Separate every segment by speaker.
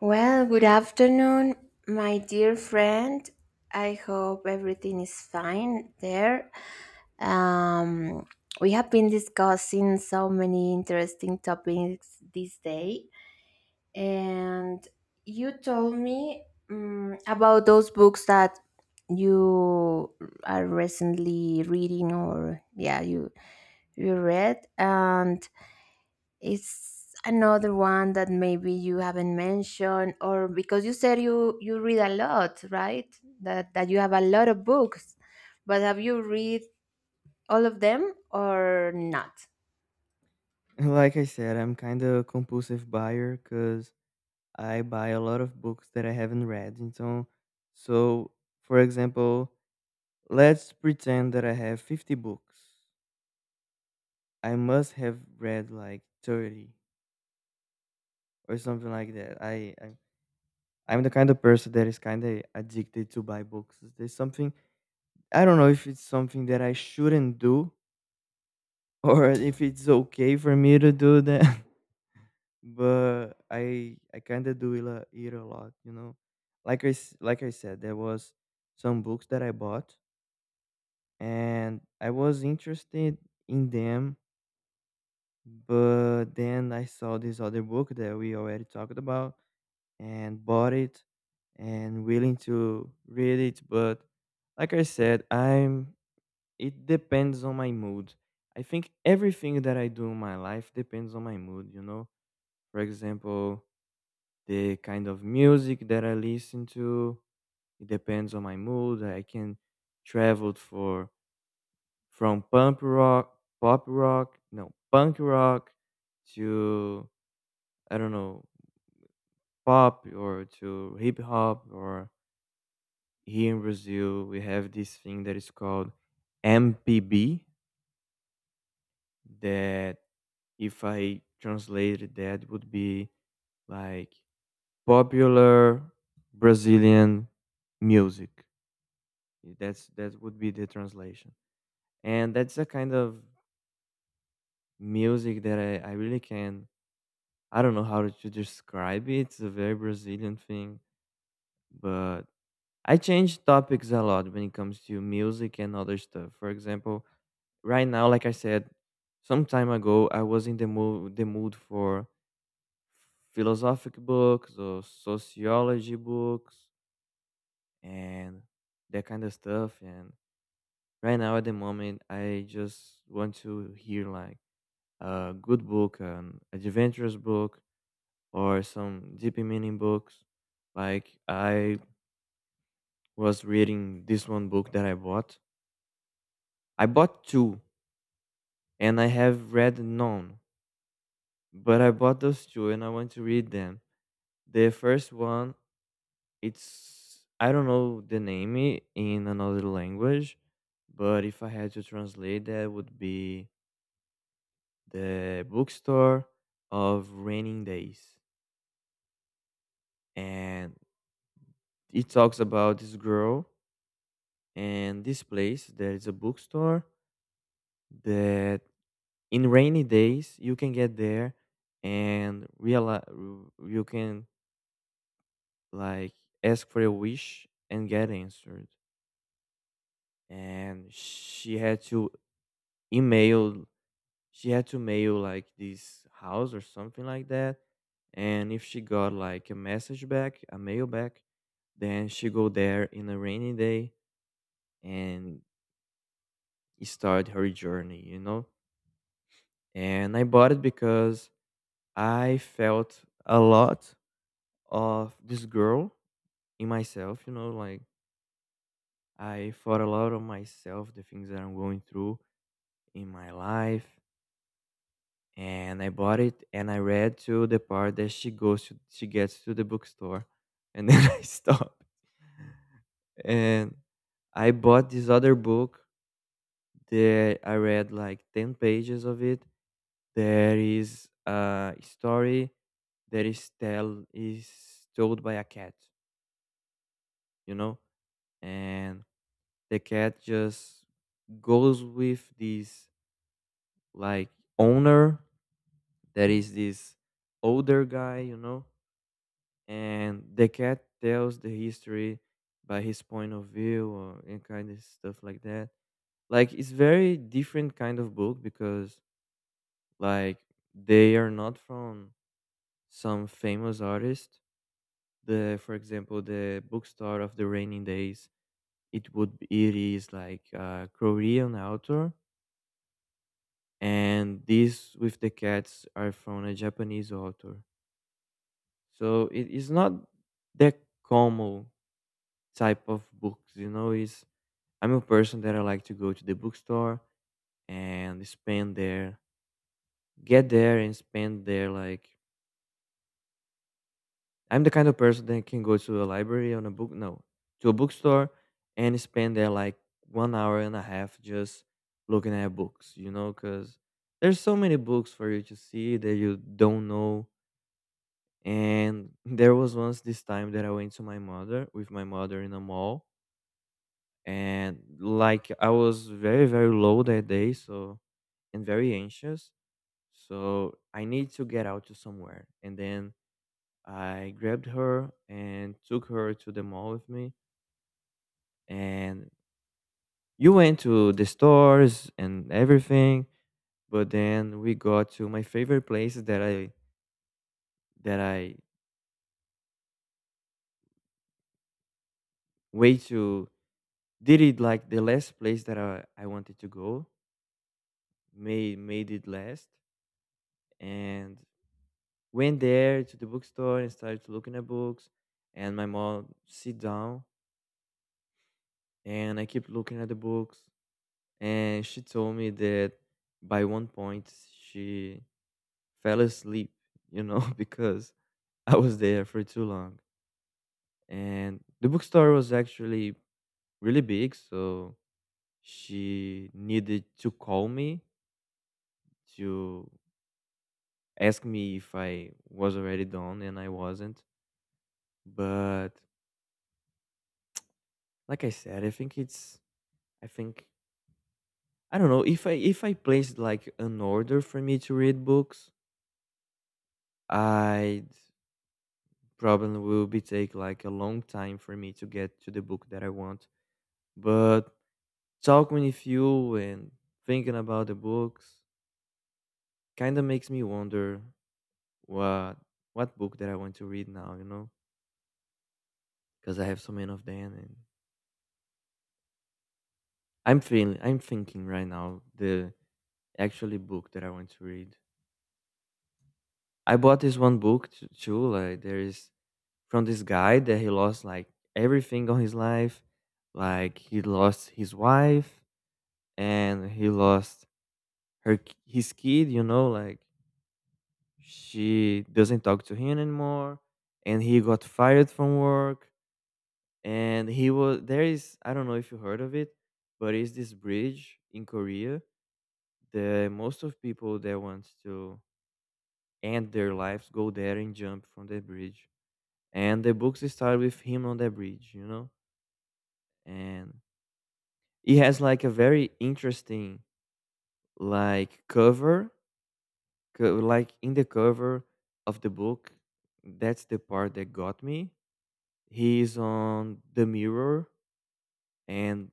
Speaker 1: Well, good afternoon, my dear friend. I hope everything is fine there. Um, we have been discussing so many interesting topics this day, and you told me about those books that you are recently reading, or yeah, you read, and it's another one that maybe you haven't mentioned, or because you said you read a lot, right? That you have a lot of books, but have you read all of them or not?
Speaker 2: Like I said, I'm kind of compulsive buyer because I buy a lot of books that I haven't read. So, for example, let's pretend that I have 50 books. I must have read like 30 or something like that. I'm the kind of person that is kind of addicted to buy books. There's something I don't know if it's something that I shouldn't do or if it's okay for me to do that. But I kind of do it a lot, you know. Like I said, there was some books that I bought, and I was interested in them, but then I saw this other book that we already talked about and bought it and willing to read it. But like I said, I'm it depends on my mood. I think everything that I do in my life depends on my mood, you know. For example, the kind of music that I listen to. It depends on my mood. I can travel for from punk rock, pop rock, no punk rock, to I don't know pop or to hip hop. Or here in Brazil, we have this thing that is called MPB. That if I translated that would be like popular Brazilian music. That would be the translation. And that's a kind of music that I really can I don't know how to describe it. It's a very Brazilian thing, but I change topics a lot when it comes to music and other stuff. For example, right now, like I said, some time ago, I was in the mood for philosophic books or sociology books and that kind of stuff. And right now, at the moment, I just want to hear like a good book, an adventurous book, or some deep meaning books. Like I was reading this one book that I bought. I bought two, and I have read none, but I bought those two, and I want to read them. The first one, it's I don't know the name in another language, but if I had to translate that, would be the bookstore of raining days, and it talks about this girl and this place there is a bookstore that in rainy days you can get there and realize you can like ask for a wish and get answered and email she had to mail like this house or something like that and if she got like a mail back then she go there in a rainy day and start her journey, you know. And I bought it because I felt a lot of this girl in myself, you know, like I thought a lot of myself, the things that I'm going through in my life. And I bought it and I read to the part that she gets to the bookstore and then I stopped. And I bought this other book that I read like 10 pages of it. There is a story that is told by a cat, you know. And the cat just goes with this like owner that is this older guy, you know, and the cat tells the history by his point of view or and kind of stuff like that. Like it's very different kind of book because like they are not from some famous artist. The for example the bookstore of the rainy days, it would be, it is like a Korean author, and these with the cats are from a Japanese author. So it is not that common type of books, you know. Is I'm a person that I like to go to the bookstore and spend there, get there and spend there. Like I'm the kind of person that can go to a library on a book, no, to a bookstore and spend there like one hour and a half just looking at books, you know, because there's so many books for you to see that you don't know. And there was once this time that I went to my mother with my mother in a mall, and like I was very, very low that day, so and very anxious. So I need to get out to somewhere. And then I grabbed her and took her to the mall with me. And you went to the stores and everything, but then we got to my favorite place that I way to did it like the last place that I wanted to go, made it last and went there to the bookstore and started to looking at books, and my mom sit down and I keep looking at the books, and she told me that by one point she fell asleep, you know. Because I was there for too long and the bookstore was actually really big, so she needed to call me to ask me if I was already done and I wasn't. But like I said, I think it's I think I don't know if I placed like an order for me to read books, I'd probably will be take like a long time for me to get to the book that I want. But talking with you and thinking about the books kind of makes me wonder what what book that I want to read now, you know? Because I have so many of them and I'm thinking right now the actually book that I want to read. I bought this one book too. Like there is from this guy that he lost like everything on his life. Like he lost his wife and he lost her his kid, you know, like she doesn't talk to him anymore and he got fired from work and he was there is I don't know if you heard of it, but it's this bridge in Korea that most of people that want to end their lives go there and jump from that bridge. And the books start with him on the bridge, you know? And it has like a very interesting like cover, like in the cover of the book. That's the part that got me. He is on the mirror, and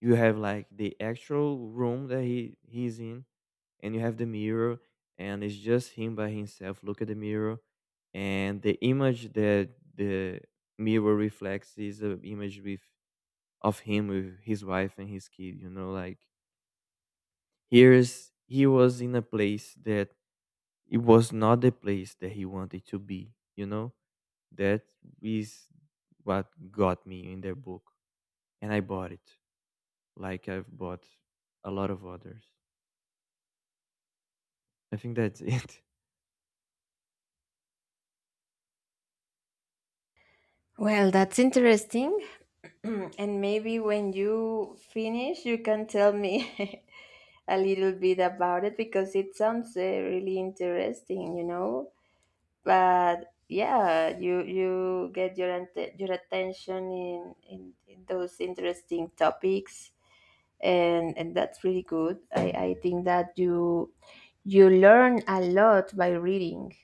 Speaker 2: you have like the actual room that he's in, and you have the mirror, and it's just him by himself. Look at the mirror, and the image that the mirror reflects is an image with of him with his wife and his kid. You know, like here is he was in a place that it was not the place that he wanted to be, you know? That is what got me in their book. And I bought it. Like I've bought a lot of others. I think that's it.
Speaker 1: Well, that's interesting. And maybe when you finish, you can tell me a little bit about it because it sounds really interesting, you know? But yeah, you you get your your attention in those interesting topics, and that's really good. I think that you learn a lot by reading,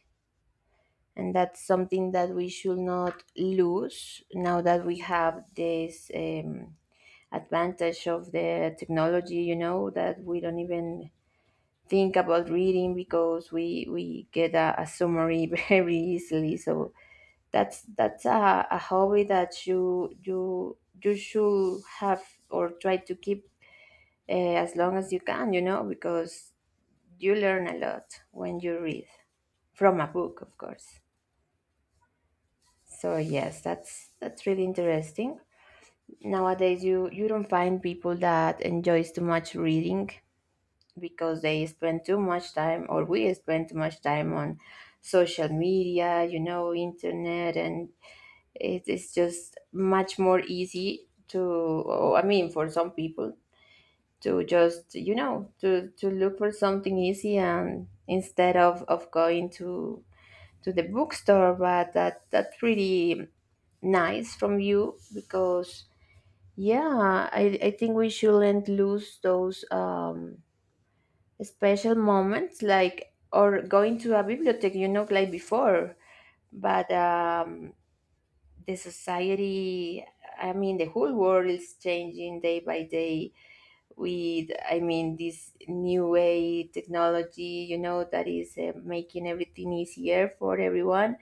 Speaker 1: and that's something that we should not lose now that we have this advantage of the technology, you know, that we don't even think about reading because we get a summary very easily. So that's a hobby that you should have or try to keep as long as you can, you know, because you learn a lot when you read from a book, of course. So yes, that's really interesting. Nowadays you don't find people that enjoys too much reading because they spend too much time, or we spend too much time on social media, you know, internet. And it is just much more easy to, I mean, for some people to just, you know, to look for something easy and instead of going to the bookstore. But that's pretty nice from you because yeah, I think we shouldn't lose those special moments, like or going to a bibliothèque, you know, like before. But the society, I mean, the whole world is changing day by day with, I mean, this new way technology, you know, that is making everything easier for everyone.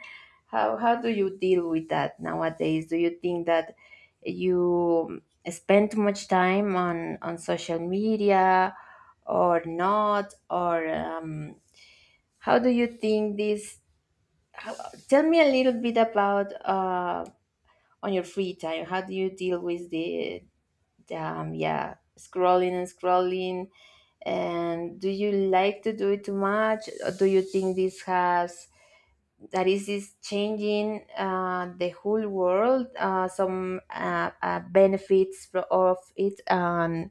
Speaker 1: How do you deal with that nowadays? Do you think that you spend too much time on social media or not? Or how do you think this? how, Tell me a little bit about on your free time. How do you deal with the, yeah, scrolling and scrolling? And do you like to do it too much? Or do you think this has that is this changing the whole world? Some benefits of it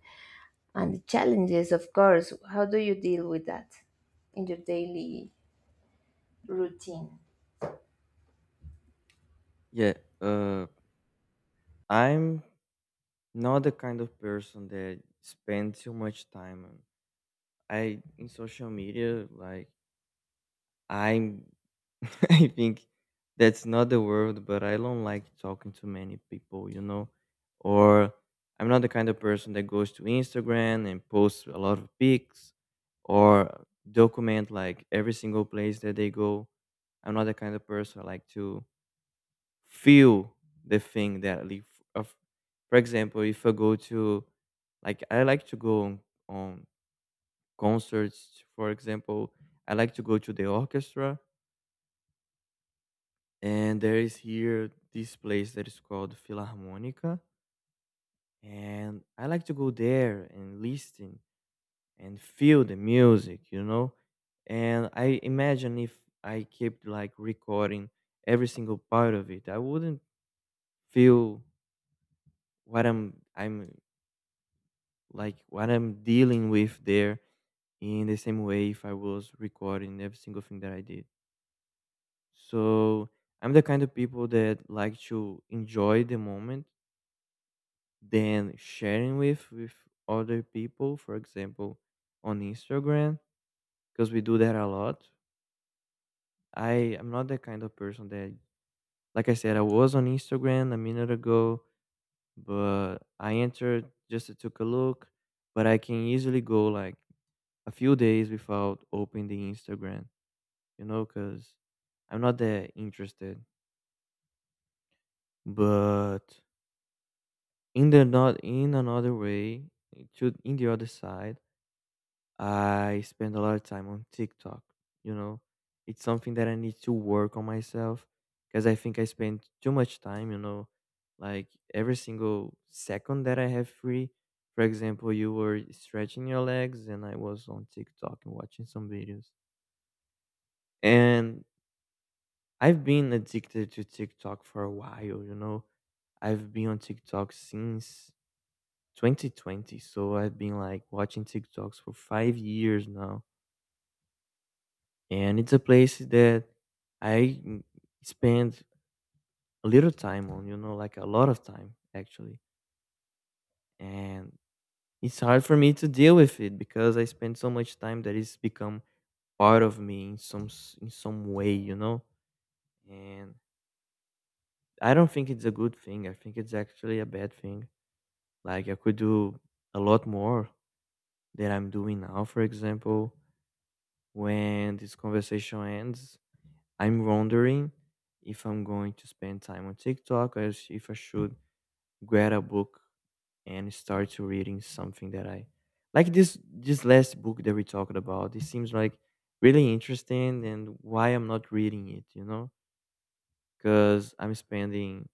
Speaker 1: and the challenges, of course. How do you deal with that in your daily routine?
Speaker 2: Yeah, uh, I'm not the kind of person that spends too much time on I in social media. Like I'm I think that's not the world, but I don't like talking to many people, you know? Or I'm not the kind of person that goes to Instagram and posts a lot of pics or document like every single place that they go. I'm not the kind of person I like to feel the thing that I live of. For example, if I go to like I like to go on concerts, for example, I like to go to the orchestra and there is here this place that is called Philharmonica, and I like to go there and listen and feel the music, you know. And I imagine if I kept like recording every single part of it, I wouldn't feel what I'm like what I'm dealing with there in the same way if I was recording every single thing that I did. So I'm the kind of people that like to enjoy the moment than sharing with other people, for example on Instagram, because we do that a lot. I am not the kind of person that like I said I was on Instagram a minute ago, but I entered just to take a look. But I can easily go like a few days without opening the Instagram, you know, because I'm not that interested. But in the not in another way to in the other side, I spend a lot of time on TikTok. You know, it's something that I need to work on myself because I think I spend too much time, you know, like every single second that I have free. For example, you were stretching your legs and I was on TikTok and watching some videos. And I've been addicted to TikTok for a while, you know. I've been on TikTok since 2020. So I've been like watching TikToks for 5 years now, and it's a place that I spend a little time on, you know, like a lot of time actually. And it's hard for me to deal with it because I spend so much time that it's become part of me in some in some way, you know. And I don't think it's a good thing. I think it's actually a bad thing. Like I could do a lot more than I'm doing now, for example, when this conversation ends. I'm wondering if I'm going to spend time on TikTok or else if I should grab a book and start to reading something that I like this last book that we talked about. It seems like really interesting and why I'm not reading it, you know? Cuz I'm spending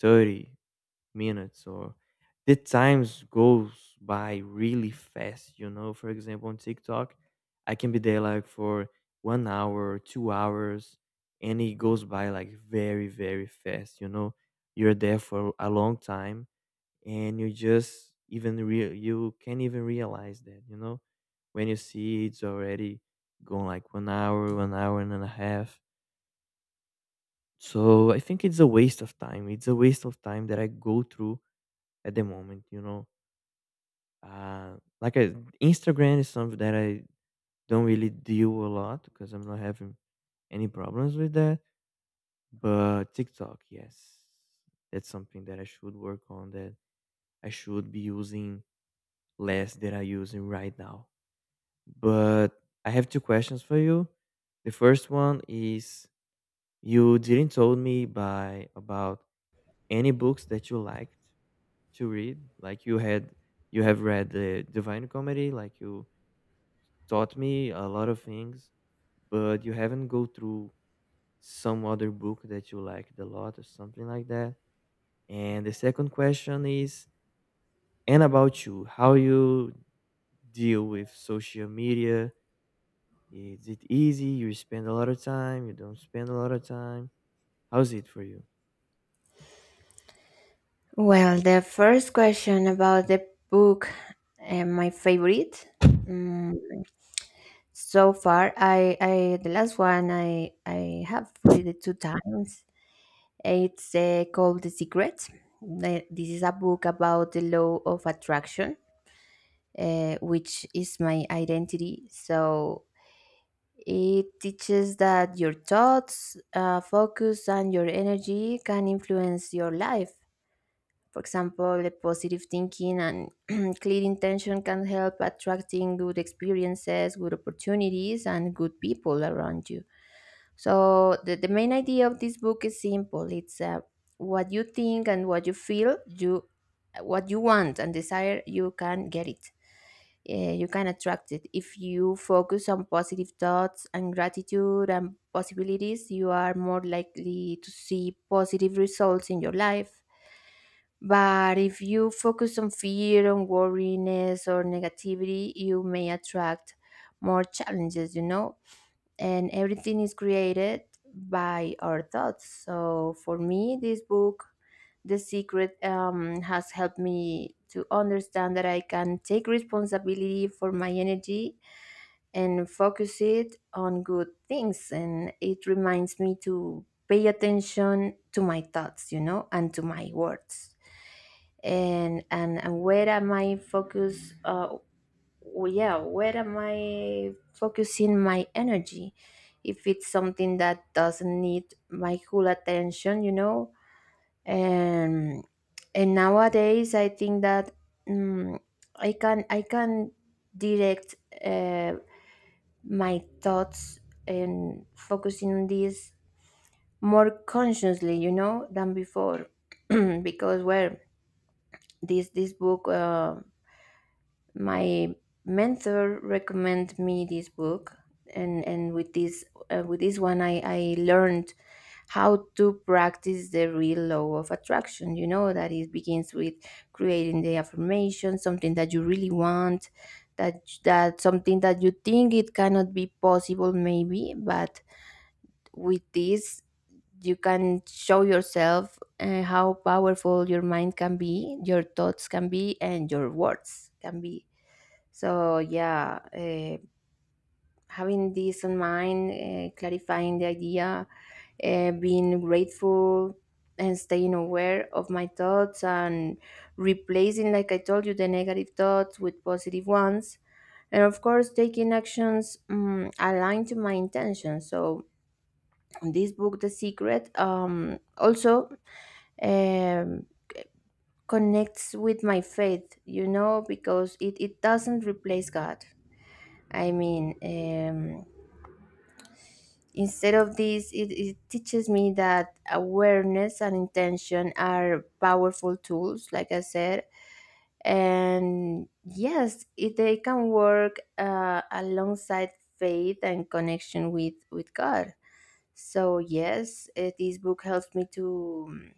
Speaker 2: 30 minutes or the times goes by really fast, you know. For example, on TikTok I can be there like for one hour, two hours, and it goes by like very very fast, you know. You're there for a long time and you just even real you can't even realize that, you know. When you see it's already gone like one hour and a half. So I think it's a waste of time. It's a waste of time that I go through at the moment, you know. Uh, like I, Instagram is something that I don't really deal a lot because I'm not having any problems with that. But TikTok, yes, that's something that I should work on. That I should be using less than I using right now. But I have two questions for you. The first one is you didn't told me by about any books that you liked to read. Like you have read the Divine Comedy, like you taught me a lot of things, but you haven't go through some other book that you liked a lot or something like that? And the second question is, and about you, how you deal with social media? Is it easy? You spend a lot of time, you don't spend a lot of time. How's it for you?
Speaker 1: Well, the first question about the book, my favorite. So far, I, the last one I have read it two times. It's called The Secret. This is a book about the law of attraction, which is my identity. So it teaches that your thoughts, focus, and your energy can influence your life. For example, the positive thinking and clear intention can help attracting good experiences, good opportunities, and good people around you. So the main idea of this book is simple. It's what you think and what you feel, you what you want and desire, you can get it. You can attract it. If you focus on positive thoughts and gratitude and possibilities, you are more likely to see positive results in your life. But if you focus on fear, on worriness, or negativity, you may attract more challenges, you know? And everything is created by our thoughts. So for me, this book, The Secret, has helped me to understand that I can take responsibility for my energy and focus it on good things. And it reminds me to pay attention to my thoughts, you know, and to my words. And where am I focused? Yeah, where am I focusing my energy if it's something that doesn't need my full attention, you know? and and nowadays I think that mm, I can direct uh, my thoughts and focusing on this more consciously, you know, than before. Because well, this book, my mentor recommended me this book. And with this, with this one, I learned how to practice the real law of attraction, you know, that it begins with creating the affirmation, something that you really want, that something that you think it cannot be possible maybe. But with this, you can show yourself how powerful your mind can be, your thoughts can be, and your words can be. So yeah, having this in mind, clarifying the idea, being grateful, and staying aware of my thoughts, and replacing, like I told you, the negative thoughts with positive ones, and of course, taking actions aligned to my intentions. So this book, The Secret, also. Um, Connects with my faith, you know, because it doesn't replace God, I mean. Instead of this, it teaches me that awareness and intention are powerful tools, like I said. And yes, if they can work alongside faith and connection with God. So yes, eh, this book helps me to. Mm,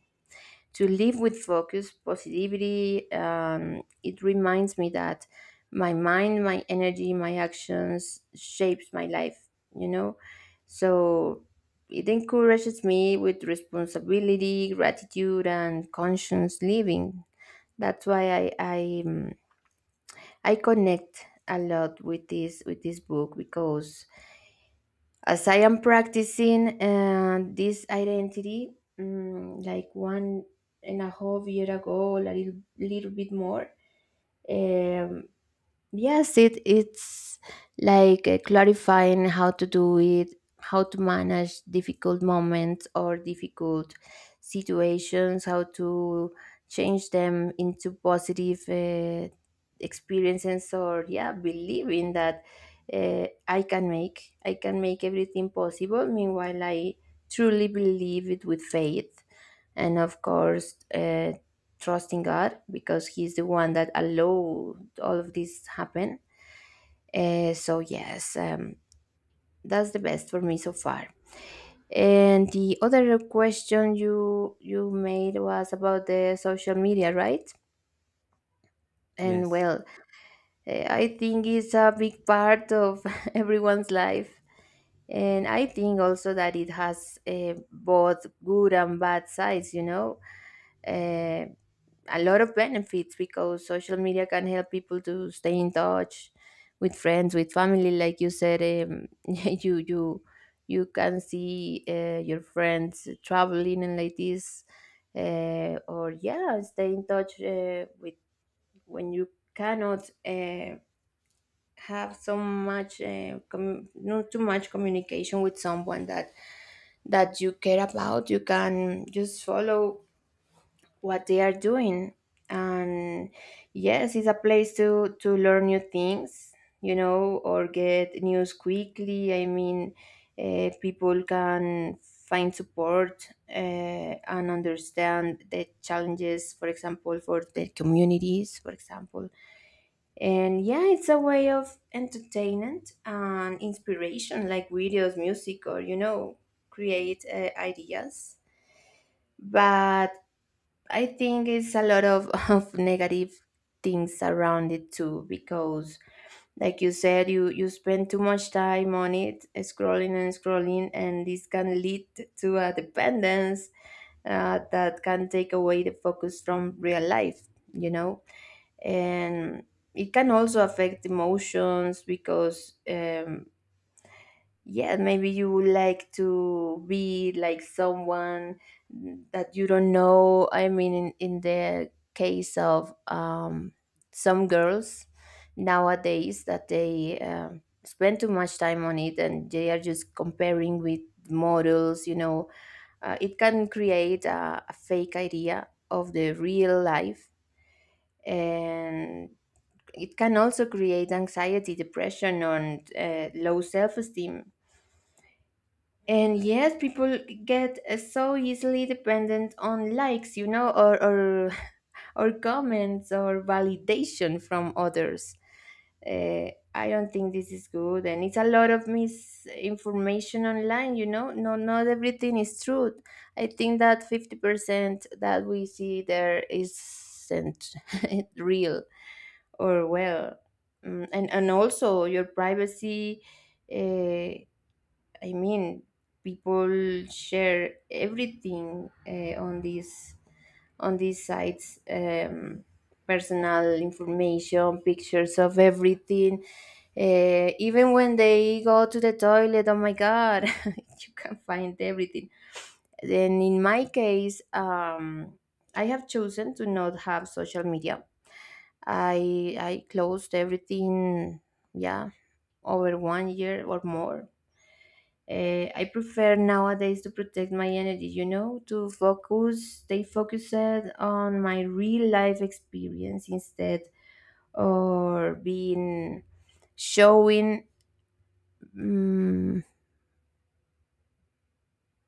Speaker 1: to live with focus, positivity, it reminds me that my mind, my energy, my actions shapes my life, you know? So it encourages me with responsibility, gratitude, and conscious living. That's why I connect a lot with this, with this book, because as I am practicing this identity, mm, like 1.5 years ago, a little, little bit more, um, yes, it's like clarifying how to do it, how to manage difficult moments or difficult situations, how to change them into positive experiences, or yeah, believing that I can make everything possible. Meanwhile, I truly believe it with faith, and of course, trusting God, because He's the one that allowed all of this happen. So yes, that's the best for me so far. And the other question you made was about the social media, right? And
Speaker 2: Yes.
Speaker 1: well, eh, I think it's a big part of everyone's life. And I think also that it has both good and bad sides, you know. Eh, a lot of benefits, because social media can help people to stay in touch with friends, with family, like you said. um, you You can see your friends traveling and like this, or yeah, stay in touch with when you cannot have so much, not too much communication with someone that that you care about, you can just follow what they are doing. And yes, it's a place to learn new things, you know, or get news quickly. I mean, people can find support and understand the challenges, for example, for their communities, for example. And yeah, it's a way of entertainment and inspiration, like videos, music, or, you know, create ideas. But I think it's a lot of of negative things around it too, because like you said, you spend too much time on it scrolling and scrolling, and this can lead to a dependence, that can take away the focus from real life, you know. And it can also affect emotions, because yeah, maybe you would like to be like someone that you don't know, I mean, in the case of some girls nowadays that they spend too much time on it, and they are just comparing with models, you know. It can create a fake idea of the real life, and it can also create anxiety, depression, and low self-esteem. And yes, people get so easily dependent on likes, you know, or comments or validation from others. I don't think this is good, and it's a lot of misinformation online. You know, no, not everything is true. I think that 50% that we see there isn't real. Or well, mm, and also your privacy. Uh, I mean, people share everything on these sites, personal information, pictures of everything. Even when they go to the toilet, oh my God, you can find everything. Then in my case, I have chosen to not have social media. I closed everything, yeah, over 1 year or more. I prefer nowadays to protect my energy, you know, to focus, stay focused on my real life experience, instead or being showing mm,